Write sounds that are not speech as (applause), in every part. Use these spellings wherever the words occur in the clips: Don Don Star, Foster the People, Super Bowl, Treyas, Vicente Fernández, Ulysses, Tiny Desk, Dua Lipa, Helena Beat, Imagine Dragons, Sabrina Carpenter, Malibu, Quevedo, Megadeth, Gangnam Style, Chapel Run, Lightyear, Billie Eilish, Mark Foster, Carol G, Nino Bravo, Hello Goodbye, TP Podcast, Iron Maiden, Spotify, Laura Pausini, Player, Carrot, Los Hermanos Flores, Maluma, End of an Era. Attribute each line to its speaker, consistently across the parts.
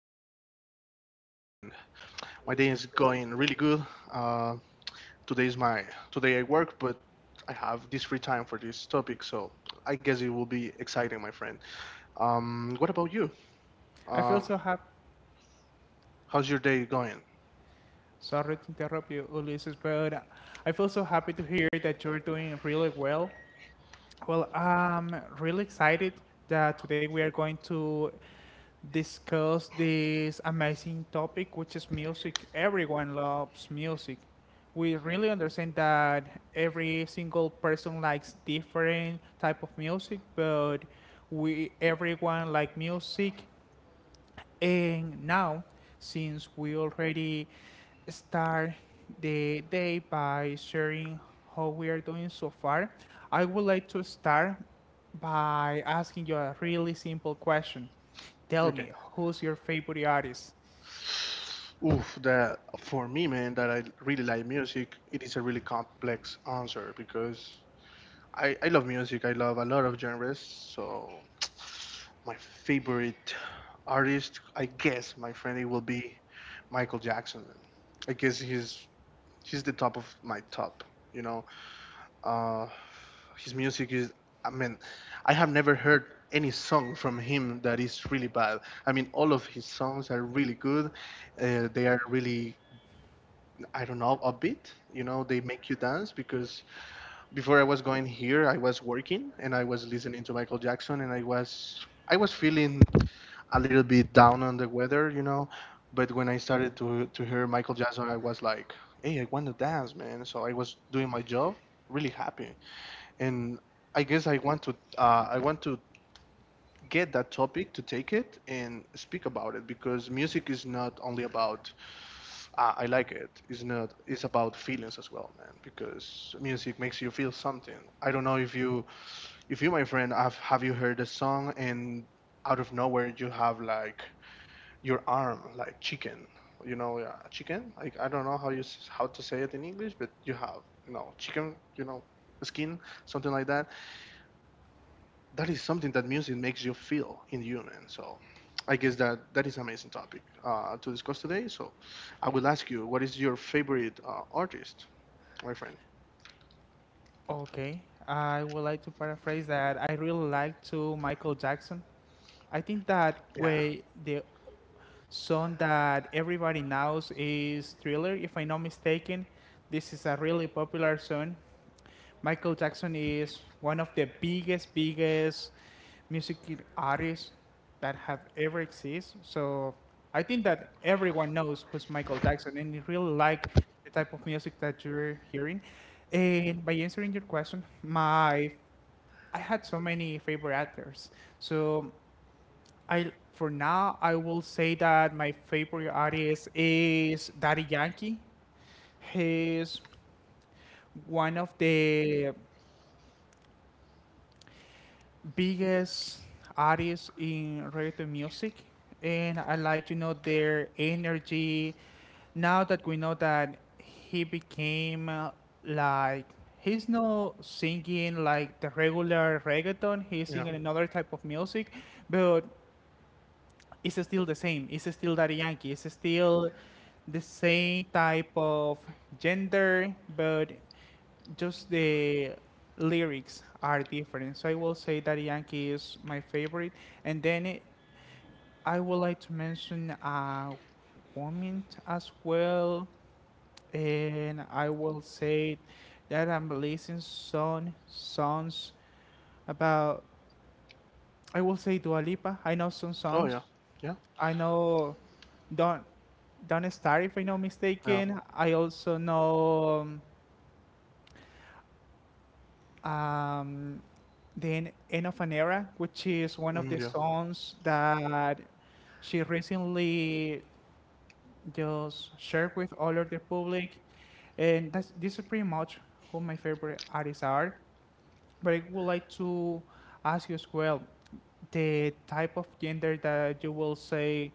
Speaker 1: everyone likes music, and my day is going really good. Uh, today is my today I work, but I have this free time for this topic, so I guess it will be exciting, my friend. What about you?
Speaker 2: I feel
Speaker 1: Uh,
Speaker 2: so happy.
Speaker 1: how's your day going?
Speaker 2: Sorry to interrupt you, Ulysses, but I feel so happy to hear that you're doing really well. Well, I'm really excited that today we are going to discuss this amazing topic, which is music. Everyone loves music. We really understand that every single person likes different type of music, but we everyone like music. And now, since we already start the day by sharing how we are doing so far, I would like to start by asking you a really simple question. Tell
Speaker 1: Okay.
Speaker 2: me, who's your favorite artist?
Speaker 1: Oof, that for me, man, that I really like music, it is a really complex answer because I love music. I love a lot of genres. So my favorite artist, I guess, my friend, it will be Michael Jackson. I guess he's the top of my top. You know, uh, his music is. I mean, I have never heard any song from him that is really bad. I mean, all of his songs are really good. They are really I don't know, a bit. You know, they make you dance because before I was going here, I was working and I was listening to Michael Jackson and I was feeling a little bit down on the weather, you know. But when I started to hear Michael Jackson, I was like, "Hey, I want to dance, man!" So I was doing my job, really happy. And I guess I want to get that topic to take it and speak about it because music is not only about I like it. It's not. It's about feelings as well, man. Because music makes you feel something. I don't know if you, my friend, have you heard a song and out of nowhere you have like your arm like chicken, you know, chicken. Like I don't know how you how to say it in English, but you have you know chicken, you know, skin, something like that that is something that music makes you feel in human. So I guess that is an amazing topic to discuss today. So I will ask you, what is your favorite artist, my friend?
Speaker 2: Okay, I would like to paraphrase that I really like to Michael Jackson. I think that
Speaker 1: Yeah.
Speaker 2: way the song that everybody knows is Thriller, if I'm not mistaken. This is a really popular song. Michael Jackson is one of the biggest music artists that have ever exist. So I think that everyone knows who's Michael Jackson, and you really like the type of music that you're hearing. And by answering your question, my I had so many favorite actors. So I for now I will say that my favorite artist is Daddy Yankee. He's one of the biggest artists in reggaeton music, and I like to know their energy. Now that we know that he became like he's not singing like the regular reggaeton, he's
Speaker 1: Yeah.
Speaker 2: singing another type of music, but it's still the same. It's still Daddy Yankee. It's still the same type of gender, but just the lyrics are different. So I will say that Yankee is my favorite, and then it, I would like to mention a woman as well, and I will say that I'm listening some songs about. I will say Dua Lipa. I know some
Speaker 1: Oh
Speaker 2: songs.
Speaker 1: yeah. Yeah.
Speaker 2: I know Don Don Star, if I'm not
Speaker 1: Yeah.
Speaker 2: mistaken. I also know um, then End of an Era, which is one of
Speaker 1: Mm,
Speaker 2: the
Speaker 1: yeah.
Speaker 2: songs that she recently just shared with all of the public. And this is pretty much who my favorite artists are. But I would like to ask you as well the type of gender that you will say,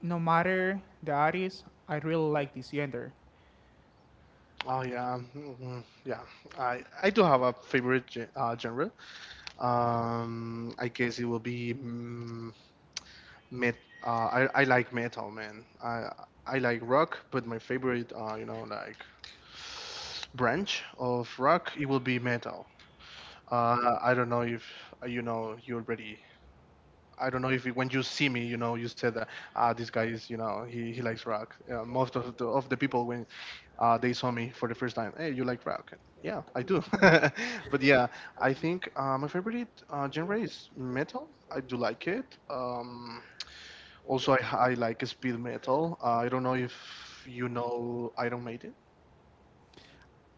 Speaker 2: no matter the artist, I really like this gender.
Speaker 1: Oh yeah. Mhm. Yeah. I do have a favorite genre. I guess it will be. Met I like metal, man. I like rock, but my favorite you know like branch of rock it will be metal, I don't know if you know you already I don't know if when you see me you know you said that ah this guy is you know he likes rock, most of the people when they saw me for the first time hey you like rock and, yeah I do (laughs) but yeah I think my favorite genre is metal. I do like it, also, I like speed metal. I don't know if you know Iron Maiden. (laughs)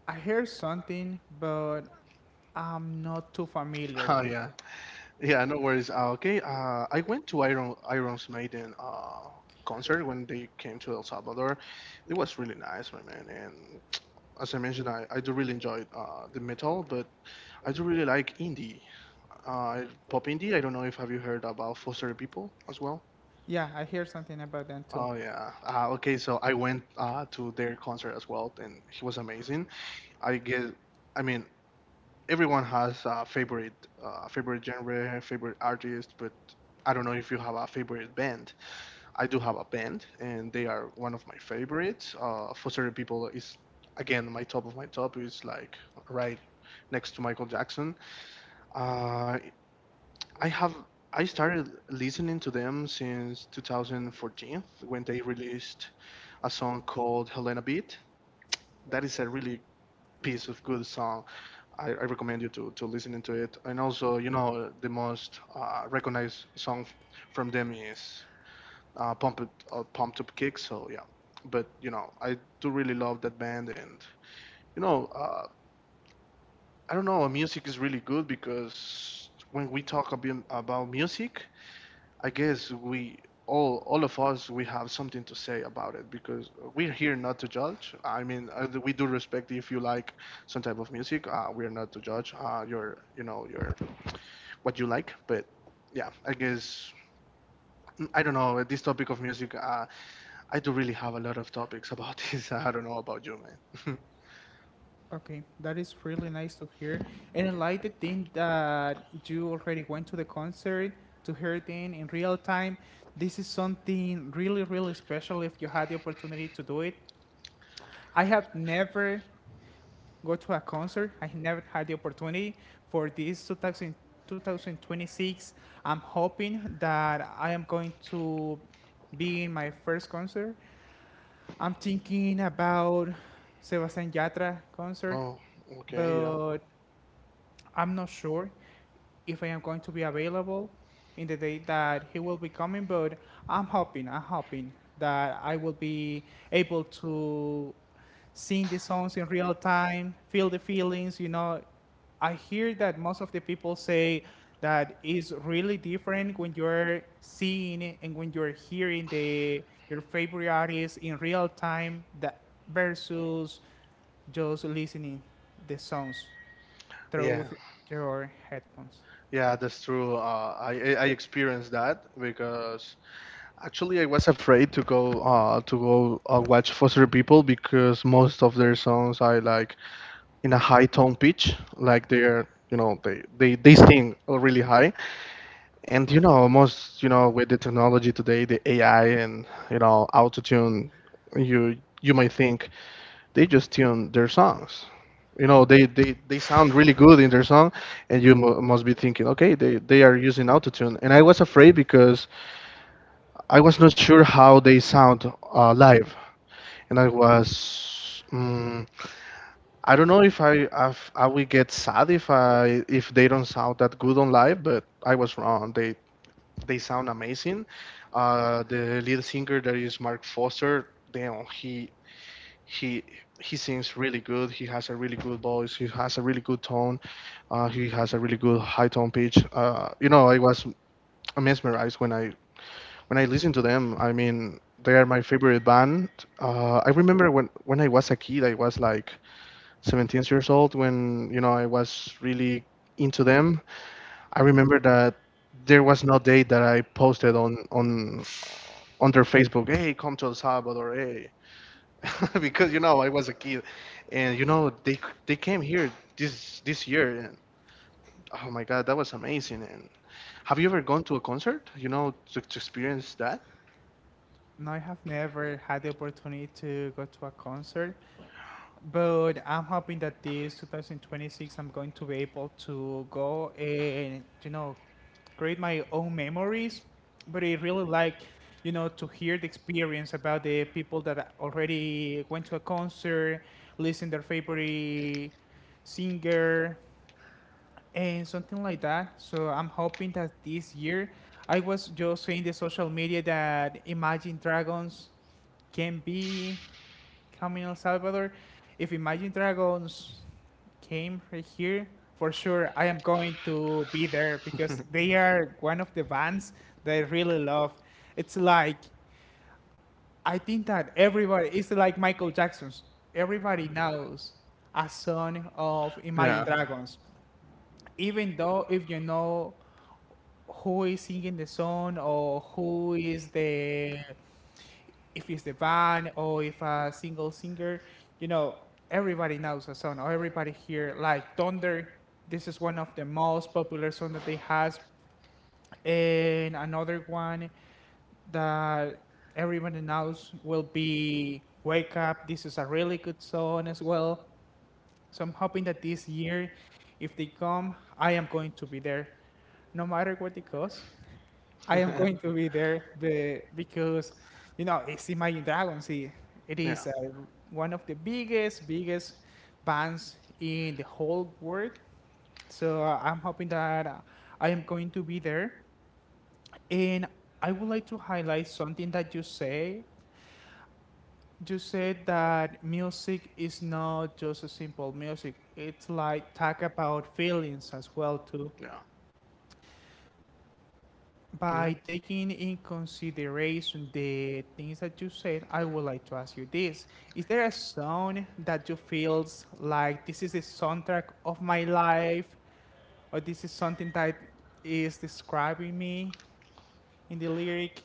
Speaker 2: I hear something, but I'm not too familiar
Speaker 1: Oh
Speaker 2: with
Speaker 1: yeah,
Speaker 2: them.
Speaker 1: yeah, no worries. Okay, I went to Iron Iron's Maiden concert when they came to El Salvador. It was really nice, my man. And as I mentioned, I do really enjoy the metal, but I do really like indie, uh, pop indie. I don't know if have you heard about Foster the People as well.
Speaker 2: Yeah, I hear something about them too.
Speaker 1: Oh yeah. Okay, so I went to their concert as well, and he was amazing. I get, I mean, everyone has a favorite favorite genre, favorite artist, but I don't know if you have a favorite band. I do have a band, and they are one of my favorites. For certain people, is again my top of my top is like right next to Michael Jackson. Uh, I have I started listening to them since 2014 when they released a song called Helena Beat. That is a really piece of good song. I recommend you to listen into it. And also, you know, the most recognized song from them is Pumped Up Kick. So yeah, but you know, I do really love that band, and you know, I don't know, music is really good because when we talk a bit about music, I guess we all of us we have something to say about it because we're here not to judge. I mean, we do respect if you like some type of music. We are not to judge you know, your what you like. But yeah, I guess I don't know this topic of music. I do really have a lot of topics about (laughs) this. I don't know about you, man. (laughs)
Speaker 2: Okay, that is really nice to hear. And I like the thing that you already went to the concert to hear it in real time. This is something really special if you had the opportunity to do it. I have never go to a concert. I never had the opportunity for this 2000, 2026. I'm hoping that I am going to be in my first concert. I'm thinking about Sebastián Yatra concert,
Speaker 1: Oh, okay, yeah.
Speaker 2: but I'm not sure if I am going to be available in the day that he will be coming, but I'm hoping that I will be able to sing the songs in real time, feel the feelings, you know. I hear that most of the people say that is really different when you're seeing and when you're hearing the your favorite artist in real time that versus just listening the songs through
Speaker 1: Yeah,
Speaker 2: your headphones.
Speaker 1: yeah, that's true. I experienced that because actually I was afraid to go watch Foster People because most of their songs are like in a high tone pitch, like they're you know they sing really high. And you know, almost you know, with the technology today, the AI and you know, autotune, you might think they just tune their songs. You know, they sound really good in their song, and you mu must be thinking, okay, they are using autotune. And I was afraid because I was not sure how they sound live, and I was. I don't know if I will get sad if I if they don't sound that good on live, but I was wrong. They sound amazing. The lead singer that is Mark Foster, damn, he he sings really good. He has a really good voice. He has a really good tone. He has a really good high tone pitch. You know, I was mesmerized when I listened to them. I mean, they are my favorite band. I remember when I was a kid, I was like 17 years old when you know I was really into them. I remember that there was no date that I posted on on their Facebook. Hey, come to El Salvador. Hey, (laughs) because you know I was a kid, and you know they came here this year. And, oh my God, that was amazing. And have you ever gone to a concert? You know to experience that.
Speaker 2: No, I have never had the opportunity to go to a concert, but I'm hoping that this 2026 I'm going to be able to go and you know create my own memories. But I really like you know to hear the experience about the people that already went to a concert, listen their favorite singer and something like that. So I'm hoping that this year I was just seeing the social media that Imagine Dragons can be coming El Salvador. If Imagine Dragons came right here, for sure I am going to be there because they
Speaker 1: (laughs)
Speaker 2: are one of the bands that I really love. It's like I think that everybody it's like Michael Jackson's. Everybody knows a song of
Speaker 1: yeah.
Speaker 2: Imagine Dragons. Even though if you know who is singing the song or who is the if it's the band or if a single singer, you know, everybody knows a song or everybody here like Thunder. This is one of the most popular song that they has, and another one that everybody knows will be Wake Up. This is a really good song as well. So I'm hoping that this year, if they come, I am going to be there, no matter what it costs. I am going to be
Speaker 1: (laughs)
Speaker 2: there because, you know, it's Imagine Dragons. It
Speaker 1: yeah.
Speaker 2: is one of the biggest bands in the whole world. So I'm hoping that I am going to be there. And I would like to highlight something that you say. You said that music is not just a simple music. It's like talk about feelings as well too.
Speaker 1: Yeah. Yeah.
Speaker 2: By taking in consideration the things that you said, I would like to ask you this. Is there a song that you feels like this is the soundtrack of my life or this is something that is describing me in the lyric?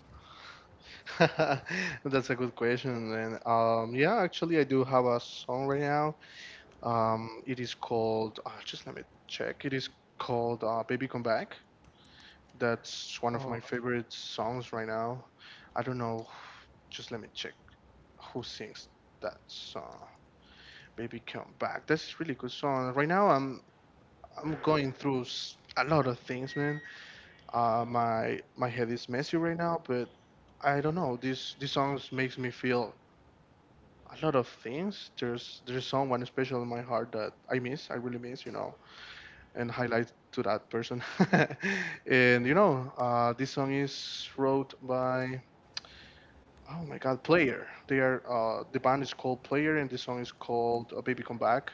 Speaker 1: (laughs) That's a good question. And yeah, actually, I do have a song right now. It is called, just let me check. It is called Baby Come Back. That's one of my
Speaker 2: Oh,
Speaker 1: favorite songs right now. I don't know. Just let me check who sings that song. Baby Come Back. That's really good song. Right now I'm going through a lot of things, man. My head is messy right now, but I don't know. These songs makes me feel a lot of things. There's someone special in my heart that I miss. I really miss, you know, and highlight to that person. (laughs) and you know, this song is wrote by Oh my God, Player. The band is called Player, and the song is called "Baby Come Back."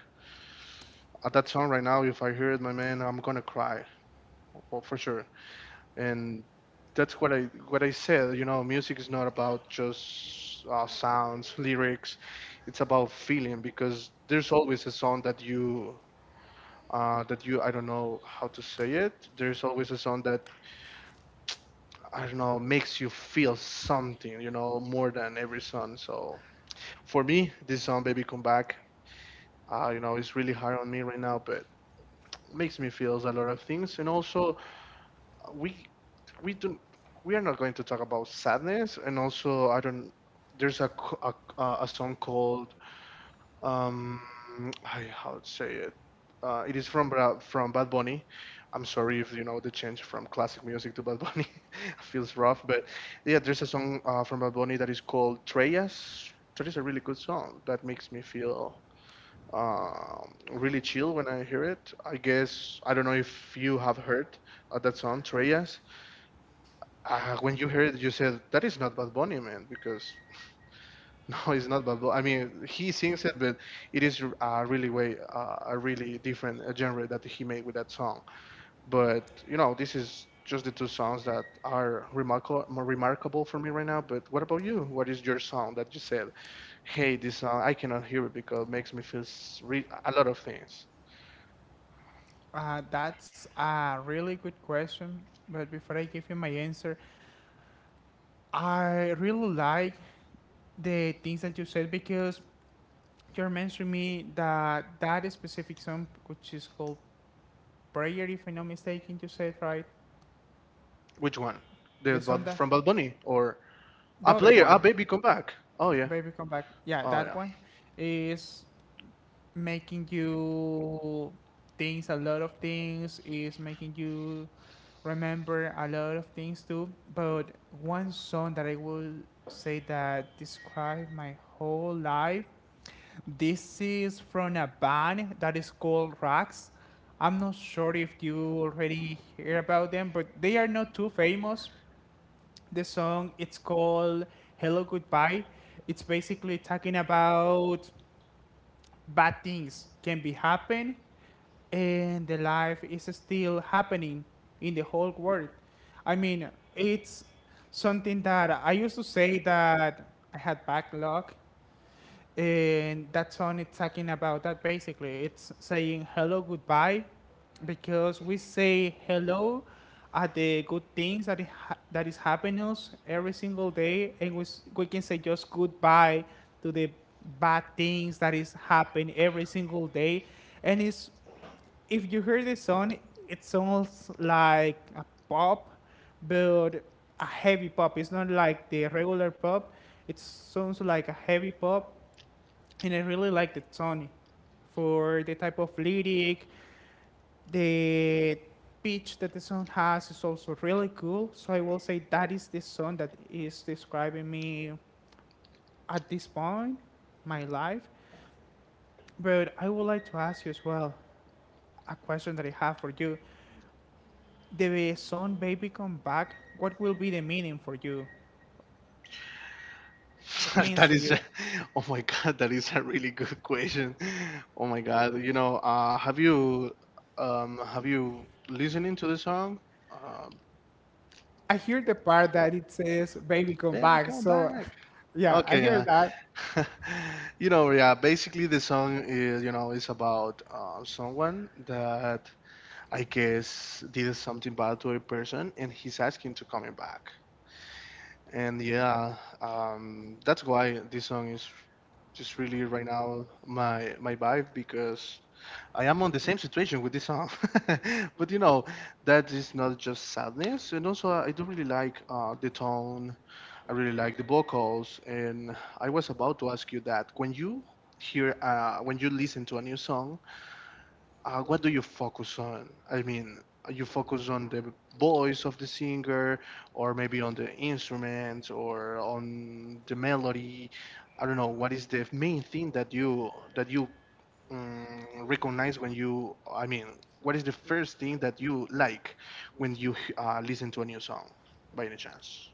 Speaker 1: That song right now, if I hear it, my man, I'm gonna cry, well, for sure. And that's what I said. You know, music is not about just sounds, lyrics. It's about feeling because there's always a song that you I don't know how to say it. There's always a song that I don't know makes you feel something. You know, more than every song. So for me, this song "Baby Come Back" you know, it's really hard on me right now, but makes me feel a lot of things. And also, uh, we we don't we are not going to talk about sadness. And also, I don't. There's a song called um, I how to say it. It is from from Bad Bunny. I'm sorry if you know the change from classic music to Bad Bunny (laughs) feels rough, but yeah, there's a song from Bad Bunny that is called Treyas. That is a really good song that makes me feel really chill when I hear it. I guess I don't know if you have heard that song, Treyas. When you heard it, you said that is not Bad Bunny, man, because (laughs) no, it's not Bad Bunny. I mean, he sings it, but it is a really way a really different genre that he made with that song. But you know, this is just the two songs that are remarkable for me right now. But what about you? What is your song that you said? Hey, this song I cannot hear it because it makes me feel a lot of things.
Speaker 2: that's a really good question. But before I give you my answer, I really like the things that you said because you're mentioning me that specific song, which is called prayer, if I'm not mistaken, you said right.
Speaker 1: Which one?
Speaker 2: The
Speaker 1: The Bad,
Speaker 2: sonda,
Speaker 1: from Bad Bunny or
Speaker 2: the
Speaker 1: a
Speaker 2: other
Speaker 1: player? Ah,
Speaker 2: one,
Speaker 1: baby, come back. Oh yeah.
Speaker 2: baby, come back. Yeah,
Speaker 1: Oh
Speaker 2: that
Speaker 1: yeah.
Speaker 2: one is making you things a lot of things is making you remember a lot of things too. But one song that I will say that described my whole life. This is from a band that is called Rax. I'm not sure if you already hear about them, but they are not too famous. The song it's called Hello Goodbye. It's basically talking about bad things can be happen and the life is still happening in the whole world. I mean, it's something that I used to say that I had backlog and that song is talking about that basically. It's saying hello, goodbye, because we say hello at the good things that, it that is happening us every single day, and we, we can say just goodbye to the bad things that is happening every single day. And it's, if you hear the song, it sounds like a pop, but a heavy pop. It's not like the regular pop. It sounds like a heavy pop, and I really like the Sony for the type of lyric. The pitch that the song has is also really cool. So I will say that is the song that is describing me at this point, my life. But I would like to ask you as well a question that I have for you. The song "Baby Come Back," what will be the meaning for you? What
Speaker 1: (laughs)
Speaker 2: means
Speaker 1: That
Speaker 2: to
Speaker 1: is,
Speaker 2: you?
Speaker 1: (laughs) oh my God, that is a really good question. (laughs) Oh my God, you know, have you listening to the song? Um,
Speaker 2: I hear the part that it says "baby come
Speaker 1: Baby,
Speaker 2: back."
Speaker 1: come
Speaker 2: So,
Speaker 1: back.
Speaker 2: (laughs) yeah, I
Speaker 1: Okay,
Speaker 2: hear
Speaker 1: yeah.
Speaker 2: that.
Speaker 1: (laughs) You know, yeah, basically the song is, you know, is about someone that I guess, did something bad to a person, and he's asking to coming back. And yeah, that's why this song is just really right now my vibe because I am on the same situation with this song. (laughs) But you know, that is not just sadness, and also I do really like the tone. I really like the vocals, and I was about to ask you that when you hear when you listen to a new song, what do you focus on? I mean, you focus on the voice of the singer, or maybe on the instrument, or on the melody. I don't know. What is the main thing that you recognize when you? I mean, what is the first thing that you like when you listen to a new song, by any chance?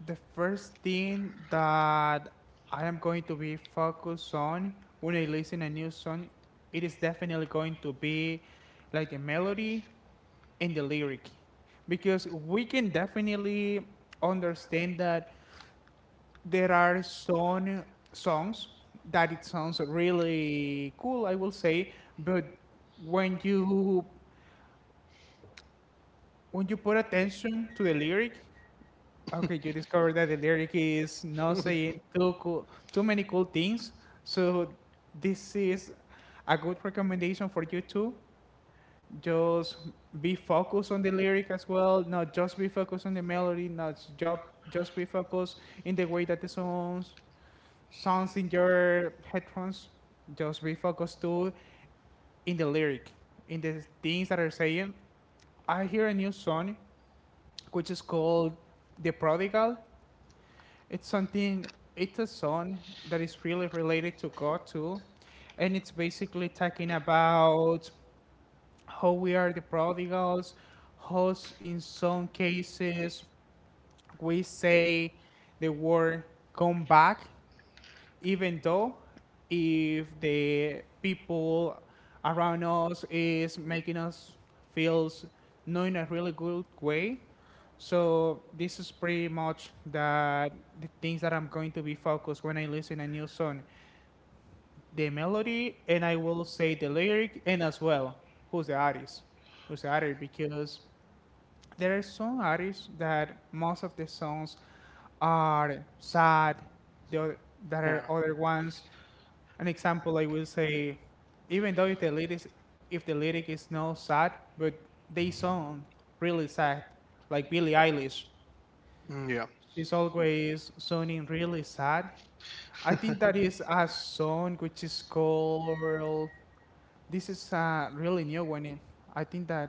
Speaker 2: The first thing that I am going to be focused on when I listen a new song, it is definitely going to be like the melody and the lyric, because we can definitely understand that there are some songs that it sounds really cool, I will say, but when you when you put attention to the lyric, okay, you discovered
Speaker 1: (laughs)
Speaker 2: that the lyric is not saying too cool, too many cool things. So this is a good recommendation for you too. Just be focused on the lyric as well. Not just be focused on the melody. Not just be focused in the way that the songs sounds in your headphones. Just be focused too in the lyric, in the things that are saying. I hear a new song which is called "The Prodigal." It's something, it's a song that is really related to God too. And it's basically talking about how we are the prodigals, how in some cases we say the word come back even though if the people around us is making us feels not in a really good way. So this is pretty much that the things that I'm going to be focused when I listen a new song, the melody and I will say the lyric, and as well who's the artist, who's the artist, because there are some artists that most of the songs are sad. The other, that are
Speaker 1: Yeah.
Speaker 2: other ones an example, I will say, even though if the lyrics, if the lyric is not sad, but they sound really sad, like Billie Eilish,
Speaker 1: Mm, yeah.
Speaker 2: she's always sounding really sad. I think that is a song which is called. This is a really new one. It. I think that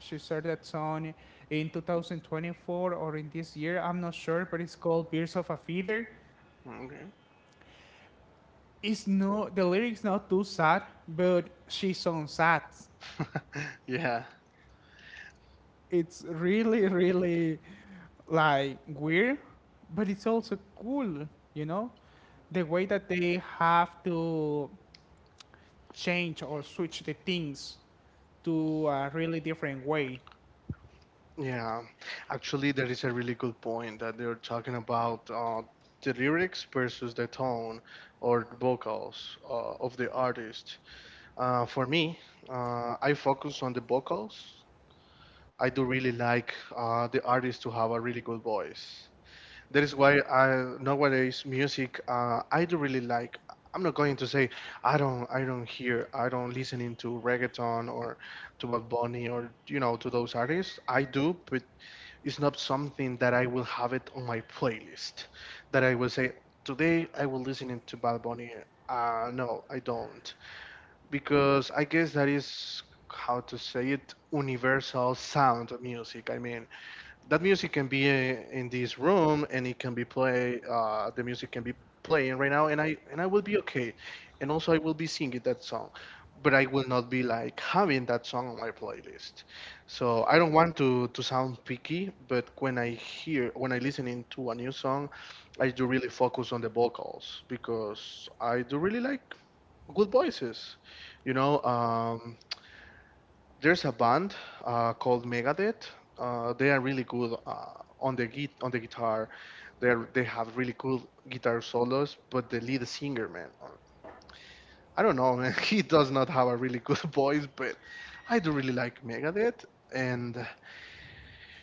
Speaker 2: she started that song in 2024 or in this year. I'm not sure, but it's called "Birds of a Feather."
Speaker 1: Okay.
Speaker 2: It's no the lyrics not too sad, but she sounds sad.
Speaker 1: (laughs) Yeah,
Speaker 2: It's really like weird, but it's also cool. You know the way that they have to change or switch the things to a really different way.
Speaker 1: yeah. Actually, that is a really good point that they're talking about the lyrics versus the tone or the vocals of the artist. For me, I focus on the vocals. I do really like the artist to have a really good voice. That is why I nowadays music I do really like. I'm not going to say I don't hear I don't listening to reggaeton or to Bad Bunny or you know to those artists. I do, but it's not something that I will have it on my playlist. That I will say today I will listening to Bad Bunny. No, I don't because I guess that is how to say it universal sound of music. I mean, that music can be in this room and it can be play, the music can be playing right now and I will be okay, and also I will be singing that song, but I will not be like having that song on my playlist, so I don't want to sound picky, but when I hear when I listening to a new song I do really focus on the vocals because I do really like good voices, you know. There's a band called Megadeth. They are really good on the on the guitar. They have really cool guitar solos, but the lead singer, man, I don't know, man. (laughs) He does not have a really good (laughs) voice, but I do really like Megadeth. And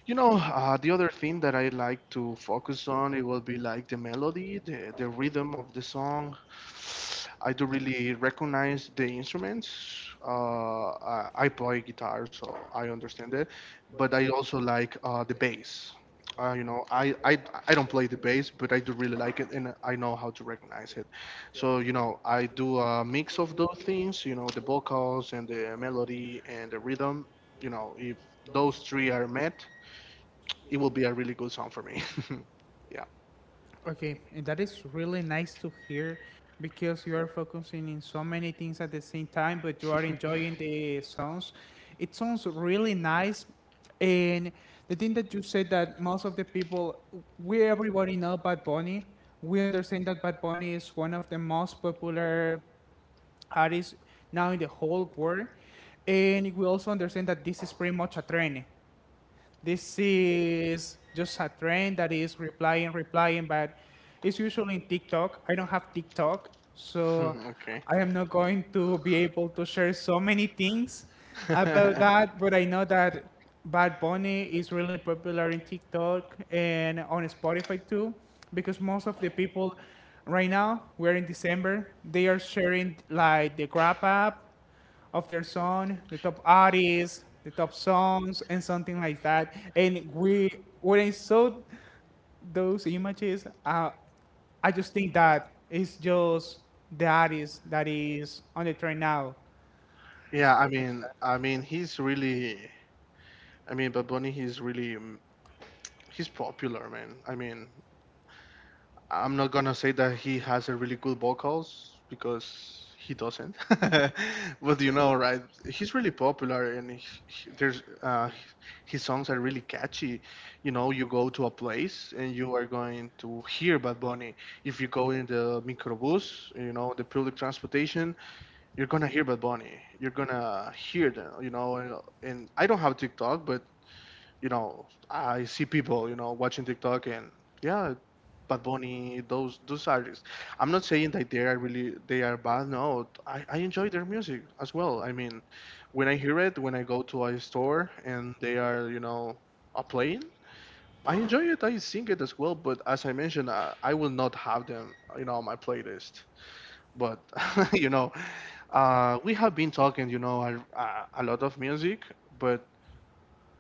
Speaker 1: you know, the other thing that I like to focus on, it will be like the melody, the rhythm of the song. I do really recognize the instruments. I play guitar, so I understand it. But I also like the bass. You know, I don't play the bass, but I do really like it, and I know how to recognize it. So you know, I do a mix of those things. You know, the vocals and the melody and the rhythm. You know, if those three are met, it will be a really good song for me. (laughs) Yeah.
Speaker 2: Okay, and that is really nice to hear because you are focusing in so many things at the same time, but you are enjoying the songs. It sounds really nice. And the thing that you said that most of the people, we everybody know Bad Bunny. We understand that Bad Bunny is one of the most popular artists now in the whole world. And we also understand that this is pretty much a trend. This is just a trend that is replying, but it's usually in TikTok. I don't have TikTok, so
Speaker 1: (laughs) Okay.
Speaker 2: I am not going to be able to share so many things about that, but I know that
Speaker 1: (laughs)
Speaker 2: Bad Bunny is really popular in TikTok and on Spotify too, because most of the people right now, we're in December, they are sharing like the Grab app of their song, the top artists, the top songs, and something like that. And we, when I saw those images, I just think that it's just the artist that is on the trend now. It's
Speaker 1: Yeah, I
Speaker 2: pretty much
Speaker 1: mean,
Speaker 2: that.
Speaker 1: I mean, he's really, I mean, Bad Bunny, he's really, he's popular, man. I mean, I'm not gonna say that he has a really good vocals because he doesn't, (laughs) but you know, right? He's really popular, and there's, his songs are really catchy. You know, you go to a place and you are going to hear Bad Bunny. If you go in the microbus, you know, the public transportation, you're gonna hear Bad Bunny. You're gonna hear them, you know. And, I don't have TikTok, but you know, I see people, you know, watching TikTok, and yeah, Bad Bunny, those artists. I'm not saying that they are bad. No, I enjoy their music as well. I mean, when I hear it, when I go to a store and they are, you know, are playing. I enjoy it. I sing it as well, but as I mentioned, I will not have them, you know, on my playlist, but (laughs) you know, we have been talking, you know, a lot of music, but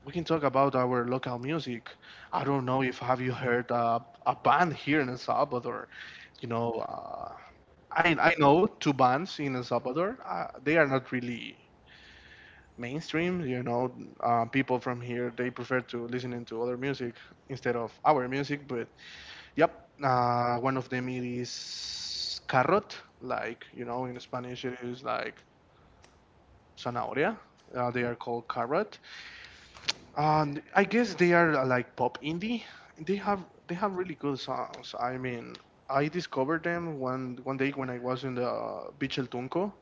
Speaker 1: we can talk about our local music. I don't know if have you heard a band here in El Salvador. You know, I know two bands in El Salvador. They are not really mainstream. You know, people from here they prefer to listening to other music instead of our music. But yep, one of them it is Carrot, like you know in Spanish it is like Zanahoria. They are called Carrot, and I guess they are like pop indie. They have they have really good songs. I mean, I discovered them one day when I was in the Beach El Tunco,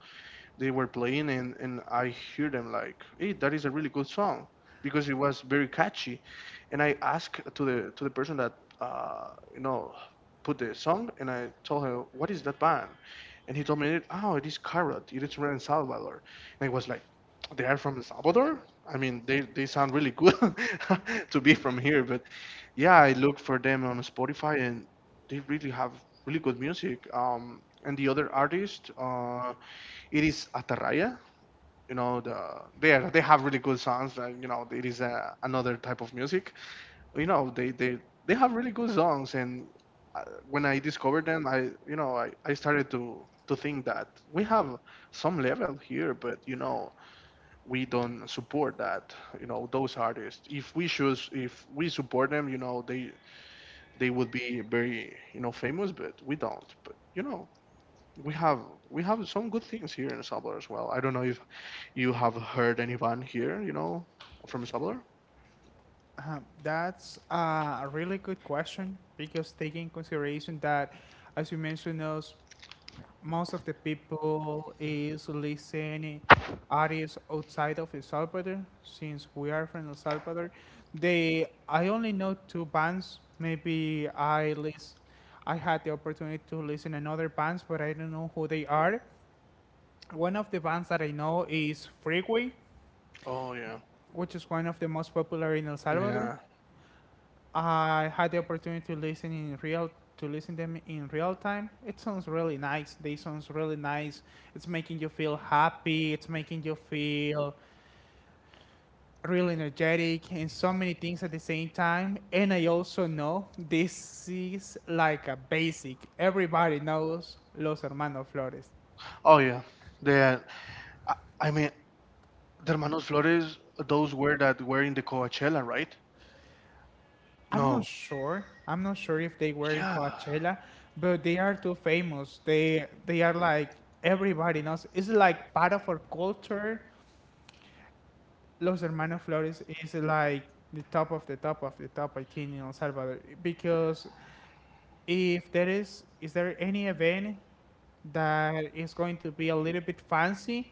Speaker 1: they were playing, and I hear them like, hey, that is a really good song because it was very catchy. And I asked to the person that you know put the song and I told her, what is that band? And he told me, oh, it is Carrot. It is from El Salvador. And I was like, they are from El Salvador? I mean, they sound really good (laughs) to be from here. But yeah, I look for them on Spotify and they really have really good music. And the other artist, it is Atarraya. You know, they are, they have really good songs. Like, you know, it is another type of music. You know, they have really good songs. And uh, when I discovered them, I you know I started to think that we have some level here, but you know we don't support that. You know those artists. If we support them, you know they would be very, you know, famous, but we don't. But you know we have we have some good things here in El Salvador as well. I don't know if you have heard any band here, you know, from El Salvador.
Speaker 2: That's a really good question because taking consideration that, as you mentioned, us most of the people is listening artists outside of El Salvador since we are from El Salvador. They I only know two bands. Maybe I list I had the opportunity to listen another bands, but I don't know who they are. One of the bands that I know is Freeway,
Speaker 1: Oh yeah,
Speaker 2: which is one of the most popular in El Salvador.
Speaker 1: yeah.
Speaker 2: I had the opportunity to listen in real to listen them in real time. It sounds really nice. They sounds really nice. It's making you feel happy. It's making you feel really energetic and so many things at the same time. And I also know this is like a basic. Everybody knows Los Hermanos Flores.
Speaker 1: Oh yeah, the I, I mean, the Hermanos Flores, those were that were in the Coachella, right?
Speaker 2: I'm not
Speaker 1: No.
Speaker 2: sure. I'm not sure if they were in
Speaker 1: Yeah.
Speaker 2: Coachella, but they are too famous. They are like everybody knows. It's like part of our culture. Los Hermanos Flores is like the top of the top of the top, I think, in El Salvador. Because if there is there any event that is going to be a little bit fancy,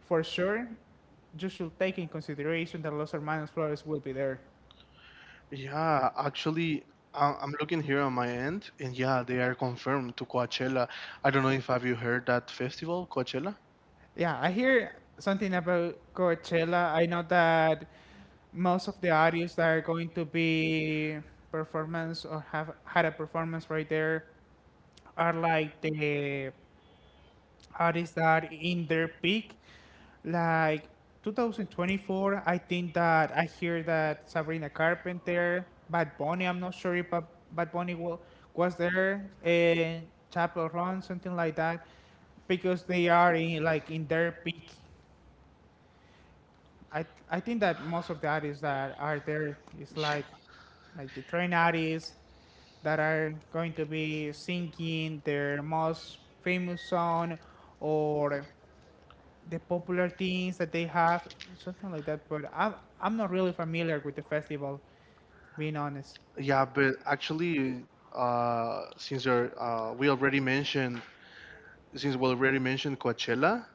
Speaker 2: for sure, you should take in consideration that Los Hermanos Flores will be there.
Speaker 1: Yeah, actually, I'm looking here on my end, and yeah, they are confirmed to Coachella. I don't know if have you heard that festival, Coachella?
Speaker 2: Yeah, I hear something about Coachella. I know that most of the artists that are going to be performance or have had a performance right there are like the artists that in their peak, like 2024. I think that I hear that Sabrina Carpenter, Bad Bunny. I'm not sure if Bad Bunny was there, and Chapel Run, something like that, because they are in like in their peak. I think that most of the artists that are there is
Speaker 1: Yeah,
Speaker 2: like the train artists that are going to be singing their most famous song or the popular things that they have, something like that. But I'm not really familiar with the festival, being honest.
Speaker 1: yeah, but actually, since you're, since we already mentioned Coachella,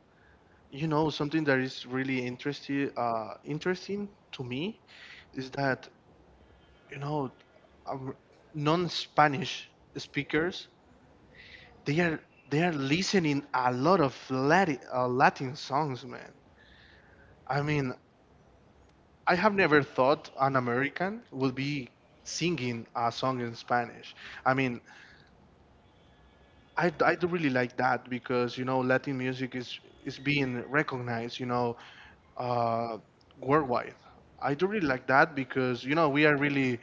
Speaker 1: you know, something that is really interesting, interesting to me is that, you know, um, non-Spanish speakers, they are they are listening a lot of Latin, Latin songs, man. I mean, I have never thought an American would be singing a song in Spanish. I mean, I do really like that because, you know, Latin music is being recognized, you know, uh, worldwide. I do really like that because, you know, we are really,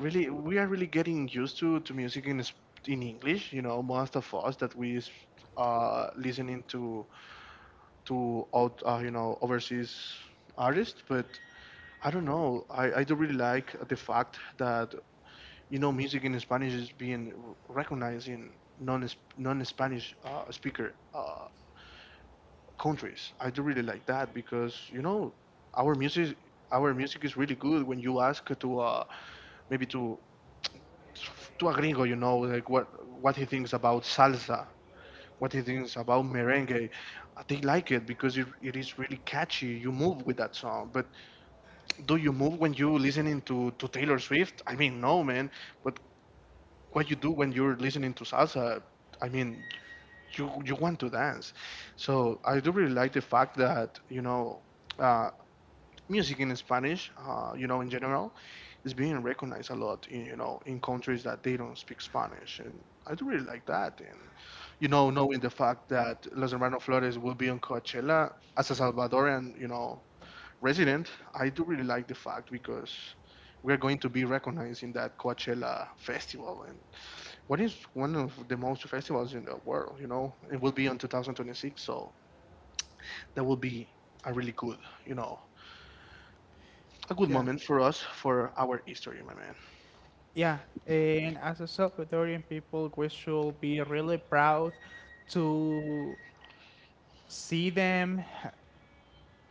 Speaker 1: really, we are really getting used to music in, in English, you know, most of us that listening to out, you know, overseas artists, but I don't know. I do really like the fact that you know music in Spanish is being recognized in non non- Spanish speaker countries. I do really like that because you know our music our music is really good when you ask to maybe to a gringo, you know, like what he thinks about salsa, what he thinks about merengue. They like it because it is really catchy. You move with that song, but do you move when you listening to Taylor Swift? I mean, no, man. But what you do when you're listening to salsa? I mean, you want to dance. So I do really like the fact that you know uh, music in Spanish, you know, in general, is being recognized a lot. In, you know, in countries that they don't speak Spanish, and I do really like that. And you know, knowing the fact that Los Hermanos Flores will be on Coachella as a Salvadoran, you know, Resident, I do really like the fact because we're going to be recognized in that Coachella festival, and what is one of the most festivals in the world. You know, it will be on 2026, so that will be a really good, you know, a good
Speaker 2: Yeah,
Speaker 1: moment for us, for our history, my man.
Speaker 2: yeah. And as a Salvadorian people, we should be really proud to see them.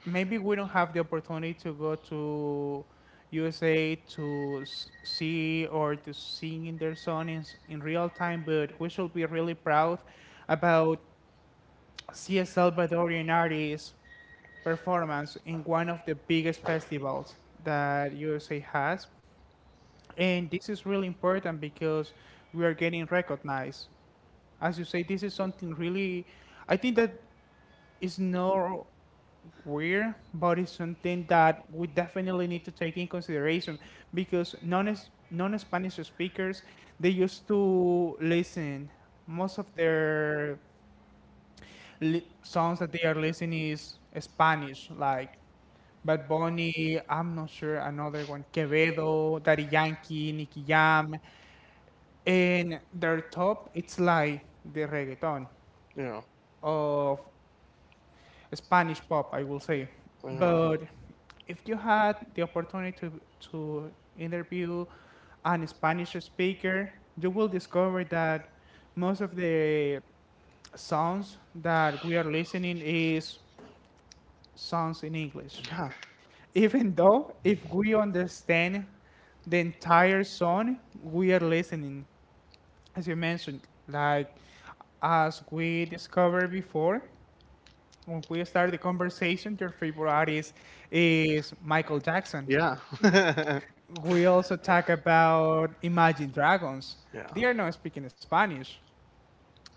Speaker 2: Maybe we don't have the opportunity to go to USA to see or to sing in their song in, in real time, but we should be really proud about see a Salvadorian artist performance in one of the biggest festivals that USA has. And this is really important because we are getting recognized. As you say, this is something really, I think that is not weird, but it's something that we definitely need to take in consideration because non Spanish speakers they used to listen most of their songs that they are listening is Spanish, like Bad Bunny, I'm not sure, another one, Quevedo, Daddy Yankee, Nicky Jam, and their top, it's like the reggaeton
Speaker 1: You know,
Speaker 2: of Spanish pop, I will say.
Speaker 1: you know,
Speaker 2: But if you had the opportunity to interview an Spanish speaker, you will discover that most of the songs that we are listening is songs in English.
Speaker 1: yeah,
Speaker 2: Even though if we understand the entire song we are listening as you mentioned like as we discovered before when we started the conversation your favorite artist is Michael Jackson.
Speaker 1: yeah, (laughs)
Speaker 2: We also talk about Imagine Dragons.
Speaker 1: yeah.
Speaker 2: They are not speaking Spanish.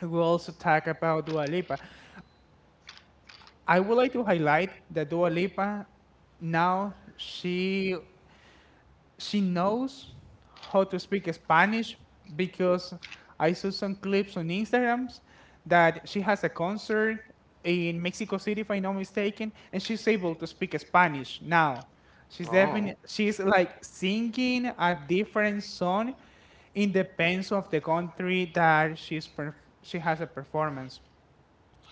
Speaker 2: We also talk about Dua Lipa. I would like to highlight that Dua Lipa now she knows how to speak Spanish because I saw some clips on Instagrams that she has a concert in Mexico City, if I'm not mistaken, and she's able to speak Spanish now. She's
Speaker 1: Oh,
Speaker 2: definitely she's like singing a different song in the depends of the country that she's she has a performance.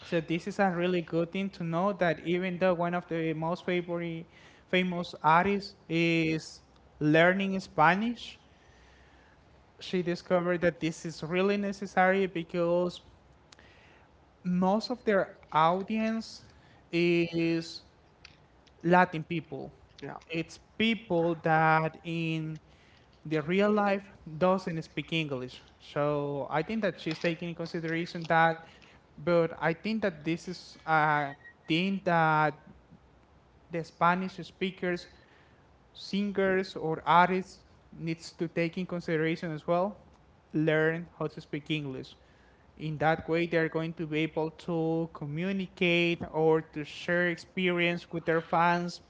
Speaker 2: So this is a really good thing to know that even though one of the most favorite famous artists is learning Spanish, she discovered that this is really necessary because most of their audience is Latin people.
Speaker 1: yeah.
Speaker 2: It's people that in the real life doesn't speak English. So I think that she's taking in consideration that, but I think that this is a thing that the Spanish speakers, singers or artists needs to take in consideration as well, learn how to speak English. In that way, they're going to be able to communicate or to share experience with their fans.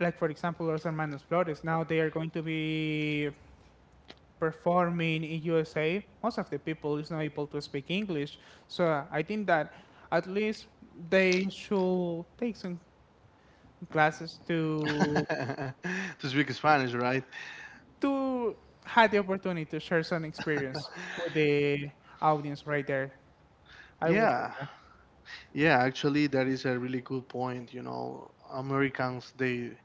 Speaker 2: Like, for example, Los Hermanos Flores. Now they are going to be performing in USA. Most of the people is not able to speak English. So I think that at least they should take some classes to
Speaker 1: (laughs) To speak Spanish, right?
Speaker 2: to have the opportunity to share some experience with
Speaker 1: (laughs)
Speaker 2: the audience right there. I will say
Speaker 1: Yeah,
Speaker 2: that.
Speaker 1: yeah, actually that is a really good point, you know. Americans,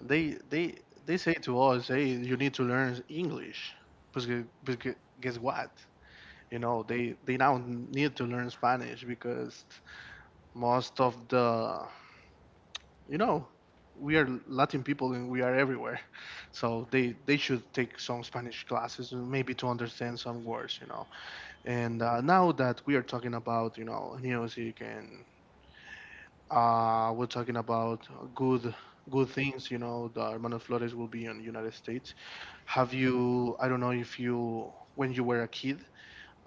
Speaker 1: they they they say to us, "Hey, you need to learn English." Because guess what? You know, they now need to learn Spanish because most of the, you know, we are Latin people and we are everywhere. So they should take some Spanish classes and maybe to understand some words, you know. And now that we are talking about, you know, music and we're talking about good good things, you know, the Hermanos Flores will be in the United States. Have you, I don't know if you, when you were a kid,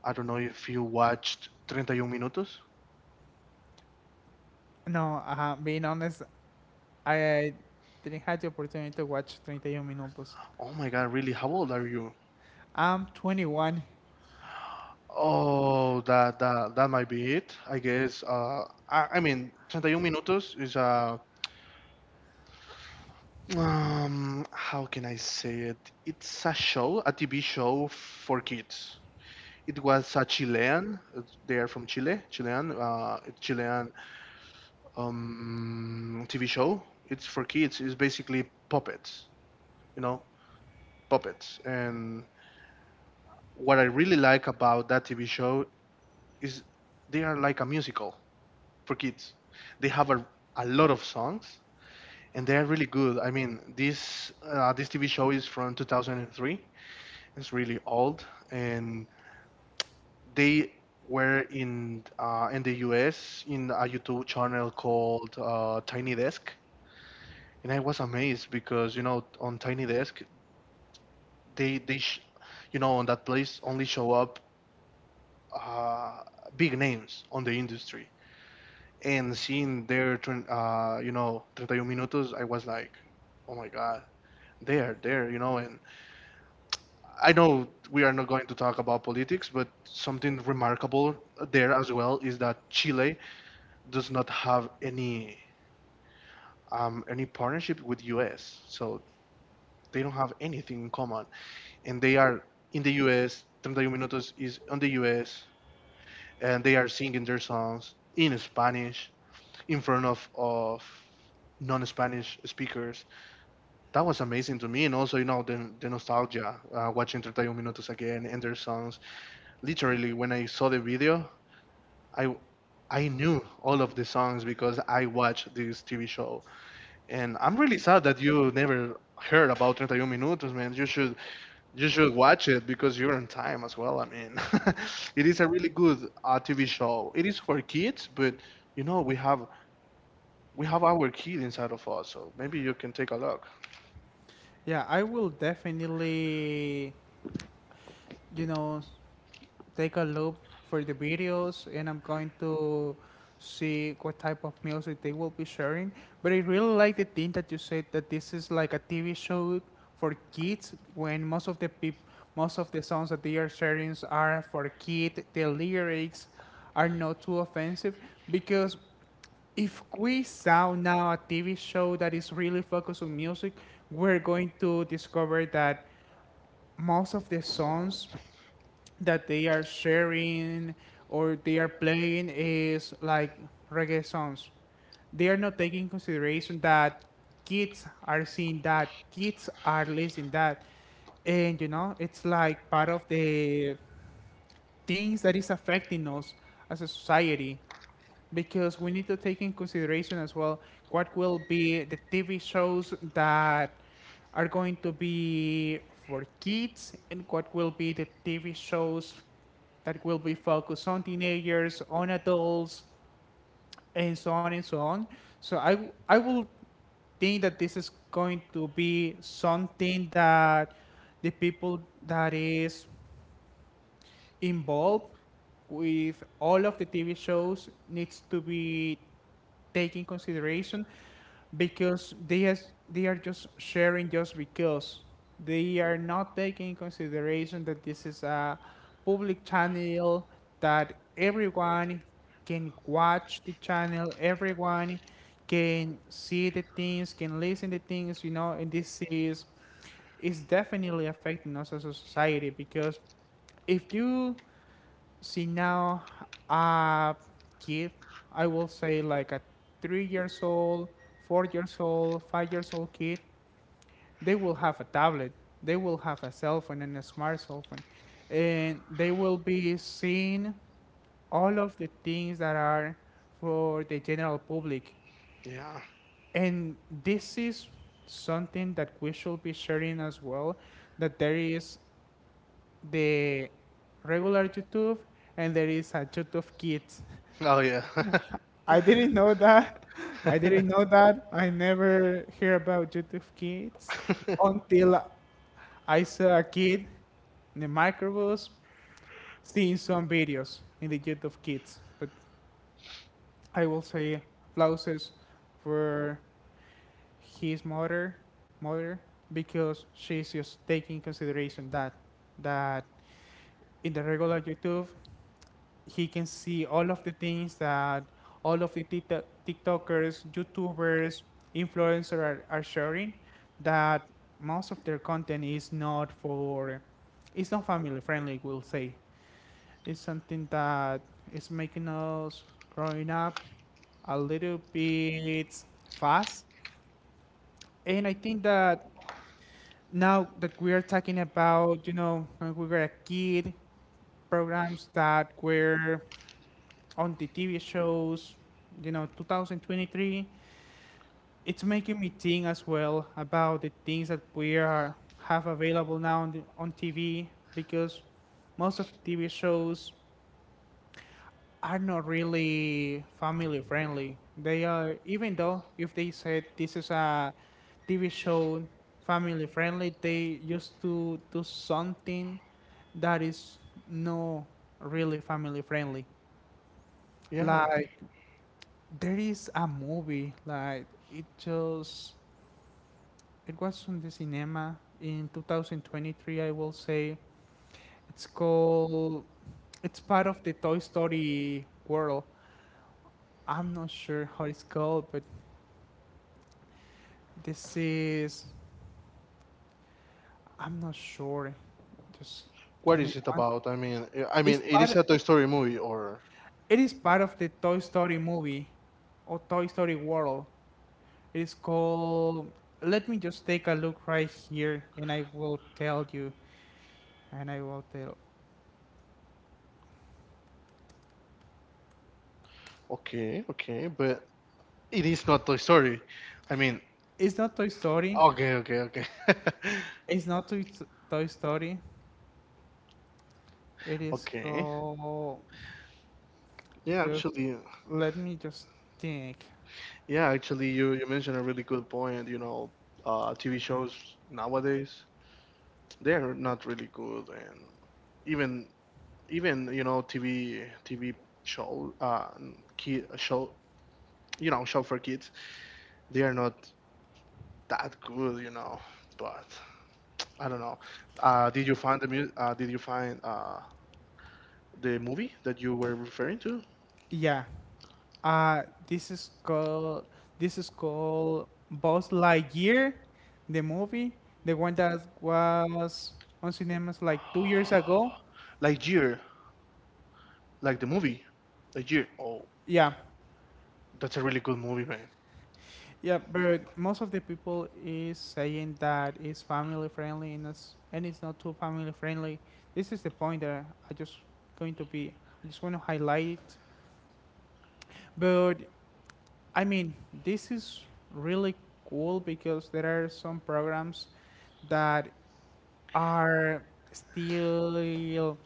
Speaker 1: I don't know if you watched 31 Minutos?
Speaker 2: No, being honest, I didn't have the opportunity to watch 31 Minutos.
Speaker 1: Oh my God, really? How old are you?
Speaker 2: I'm 21.
Speaker 1: Oh, that might be it, I guess. I mean, 31 Minutos is a how can I say it? It's a show, a TV show for kids. It was a Chilean. They are from Chile. Chilean, Chilean TV show. It's for kids. It's basically puppets. You know, puppets. And what I really like about that TV show is they are like a musical for kids. They have a lot of songs, and they are really good. I mean, this this TV show is from 2003. It's really old, and they were in the US in a YouTube channel called Tiny Desk, and I was amazed because, you know, on Tiny Desk they sh you know, on that place only show up uh, big names on the industry, and seeing their you know, 31 Minutos, I was like, oh my God, there, you know, and I know we are not going to talk about politics, but something remarkable there as well is that Chile does not have any partnership with US, so they don't have anything in common, and they are in the US. 31 Minutos is on the US, and they are singing their songs in Spanish in front of non-Spanish speakers. That was amazing to me, and also, you know, the nostalgia watching 31 Minutos again and their songs. Literally, when I saw the video, I I knew all of the songs because I watched this TV show. And I'm really sad that you never heard about 31 Minutos, man. You should watch it because you're on time as well. I mean, (laughs) it is a really good TV show. It is for kids, but you know, we have our kid inside of us, so maybe you can take a look.
Speaker 2: Yeah, I will definitely, you know, take a look for the videos and I'm going to see what type of music they will be sharing. But I really like the thing that you said that this is like a TV show for kids when most of the most of the songs that they are sharing are for kids. The lyrics are not too offensive because if we saw now a TV show that is really focused on music, we're going to discover that most of the songs that they are sharing or they are playing is like reggae songs. They are not taking consideration that kids are seeing that, kids are listening that, and you know it's like part of the things that is affecting us as a society because we need to take in consideration as well what will be the TV shows that are going to be for kids and what will be the TV shows that will be focused on teenagers, on adults, and so on and so on. So I will think that this is going to be something that the people that is involved with all of the TV shows needs to be taken consideration because they has they are just sharing just because they are not taking in consideration that this is a public channel that everyone can watch the channel everyone can see the things can listen the things, you know, and this is definitely affecting us as a society because if you see now, a kid, I will say like a 3 years old, 4 years old, 5 years old kid, they will have a tablet, they will have a cell phone and a smart cell phone, and they will be seeing all of the things that are for the general public,
Speaker 1: Yeah.
Speaker 2: and this is something that we should be sharing as well, that there is the regular YouTube and there is a YouTube Kids.
Speaker 1: Oh yeah.
Speaker 2: I didn't know that. (laughs) I didn't know
Speaker 1: (laughs)
Speaker 2: that. I never hear about YouTube Kids until I saw a kid in the microbus seeing some videos in the YouTube Kids. But I will say blouses for his mother, because she's just taking consideration that that in the regular YouTube he can see all of the things that all of the TikTokers, YouTubers, influencers are sharing that most of their content is not for, it's not family friendly, we'll say. It's something that is making us growing up a little bit fast. And I think that now that we are talking about, you know, when we were a kid, programs that were on the TV shows, you know, 2023, it's making me think as well about the things that we are have available now on, the, on TV because most of the TV shows are not really family friendly. They are even though if they said this is a TV show family friendly, they used to do something that is not really family friendly.
Speaker 1: Yeah.
Speaker 2: Like there is a movie like it just it was on the cinema in 2023 I will say. It's called it's part of the Toy Story world. I'm not sure how it's called, but this is I'm not sure. Just give
Speaker 1: What
Speaker 2: me
Speaker 1: is it
Speaker 2: one.
Speaker 1: about? It is a
Speaker 2: But
Speaker 1: Toy Story movie, or
Speaker 2: it is part of the Toy Story movie or Toy Story world. It is called let me just take a look right here and I will tell you and I will tell
Speaker 1: okay, okay, but it is not Toy Story. I mean,
Speaker 2: it's not Toy Story.
Speaker 1: okay, okay, okay. (laughs)
Speaker 2: It's not Toy Story. It is
Speaker 1: Okay.
Speaker 2: called.
Speaker 1: Yeah,
Speaker 2: Just
Speaker 1: actually,
Speaker 2: let me just think.
Speaker 1: yeah, actually, you mentioned a really good point. You know, TV shows nowadays they are not really good, and even even you know, TV show kid show, you know, show for kids, they are not that good, you know. But I don't know. Did you find the mu did you find the movie that you were referring to?
Speaker 2: Yeah. This is called. This is called Buzz Lightyear, the movie, the one that was on cinemas like 2 years ago.
Speaker 1: Lightyear, like the movie. Lightyear. Oh,
Speaker 2: Yeah.
Speaker 1: that's a really good movie, man.
Speaker 2: Yeah, but most of the people is saying that it's family friendly and it's not too family friendly. This is the point that I just going to be I just want to highlight. But I mean, this is really cool because there are some programs that are still in,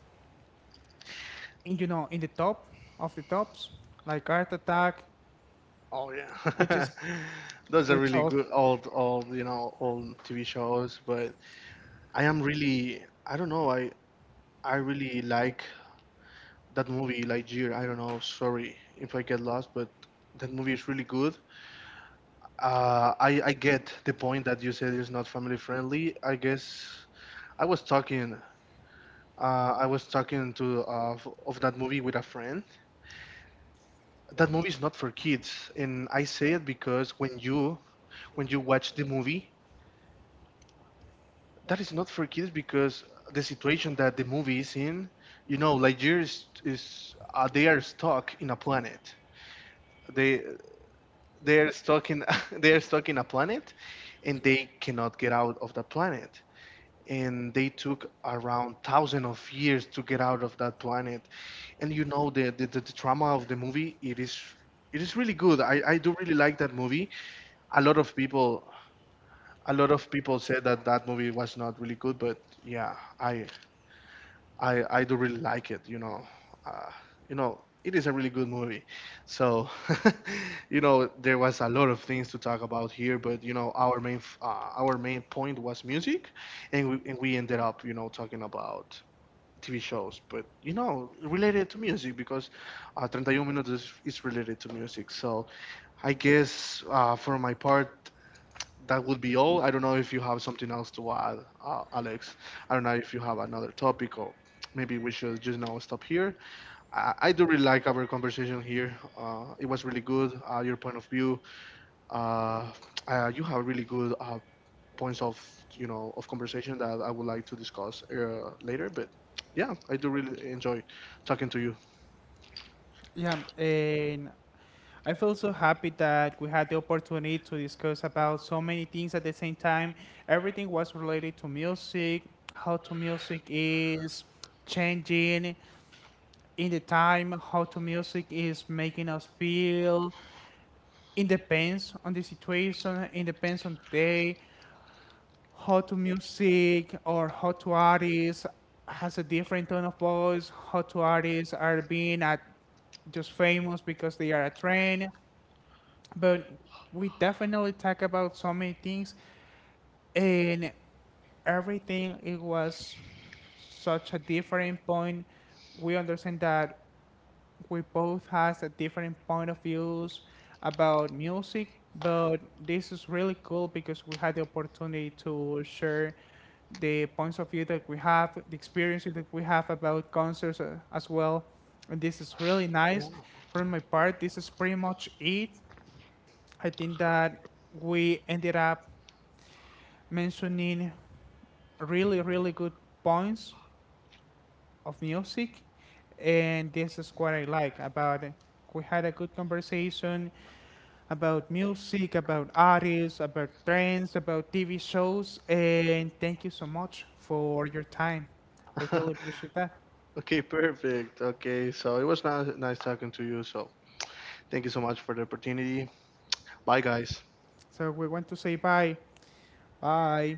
Speaker 2: you know, in the top of the tops like Art Attack,
Speaker 1: Oh
Speaker 2: which
Speaker 1: yeah.
Speaker 2: is
Speaker 1: (laughs) Those are
Speaker 2: which
Speaker 1: really
Speaker 2: also
Speaker 1: good old, you know, old TV shows, but I am really, I don't know, I really like that movie Lightyear. I don't know, sorry if I get lost, but that movie is really good. I get the point that you said it's not family friendly. I guess I was talking. I was talking to of that movie with a friend. That movie is not for kids, and I say it because when you, when you watch the movie, that is not for kids because the situation that the movie is in, you know, Nigeria is they are stuck in a planet. They they are stuck in (laughs) they are stuck in a planet, and they cannot get out of that planet. And they took around thousand of years to get out of that planet. And you know, the drama of the movie, it is, it is really good. I do really like that movie. A lot of people, a lot of people said that that movie was not really good, but yeah, i I do really like it. You know, uh, you know, it is a really good movie. So (laughs) you know, there was a lot of things to talk about here, but you know, our main our main point was music, and we ended up, you know, talking about TV shows, but you know, related to music, because 31 Minutes is related to music. So I guess for my part, that would be all. I don't know if you have something else to add, Alex. I don't know if you have another topic or maybe we should just now stop here. I do really like our conversation here. It was really good. Your point of view, uh, you have really good points of, you know, of conversation that I would like to discuss later. But yeah, I do really enjoy talking to you.
Speaker 2: yeah and I feel so happy that we had the opportunity to discuss how so many things at the same time. Everything was related to music, how to music is changing in the time, how to music is making us feel. It depends on the situation, it depends on the day, how to music or how to artists has a different tone of voice, how to artists are being at just famous because they are a trend but we definitely talk about so many things and everything it was such a different point we understand that we both has a different point of views about music but this is really cool because we had the opportunity to share the points of view that we have the experiences that we have about concerts as well and this is really nice from my part this is pretty much it. I think that we ended up mentioning really good points of music, and this is what I like about it. We had a good conversation about music, about artists, about trends, about TV shows, and thank you so much for your time. I
Speaker 1: Yeah. (laughs)
Speaker 2: really appreciate that.
Speaker 1: Okay, perfect. Okay, so it was nice, nice talking to you. So thank you so much for the opportunity. Bye, guys.
Speaker 2: So we want to say bye. Bye.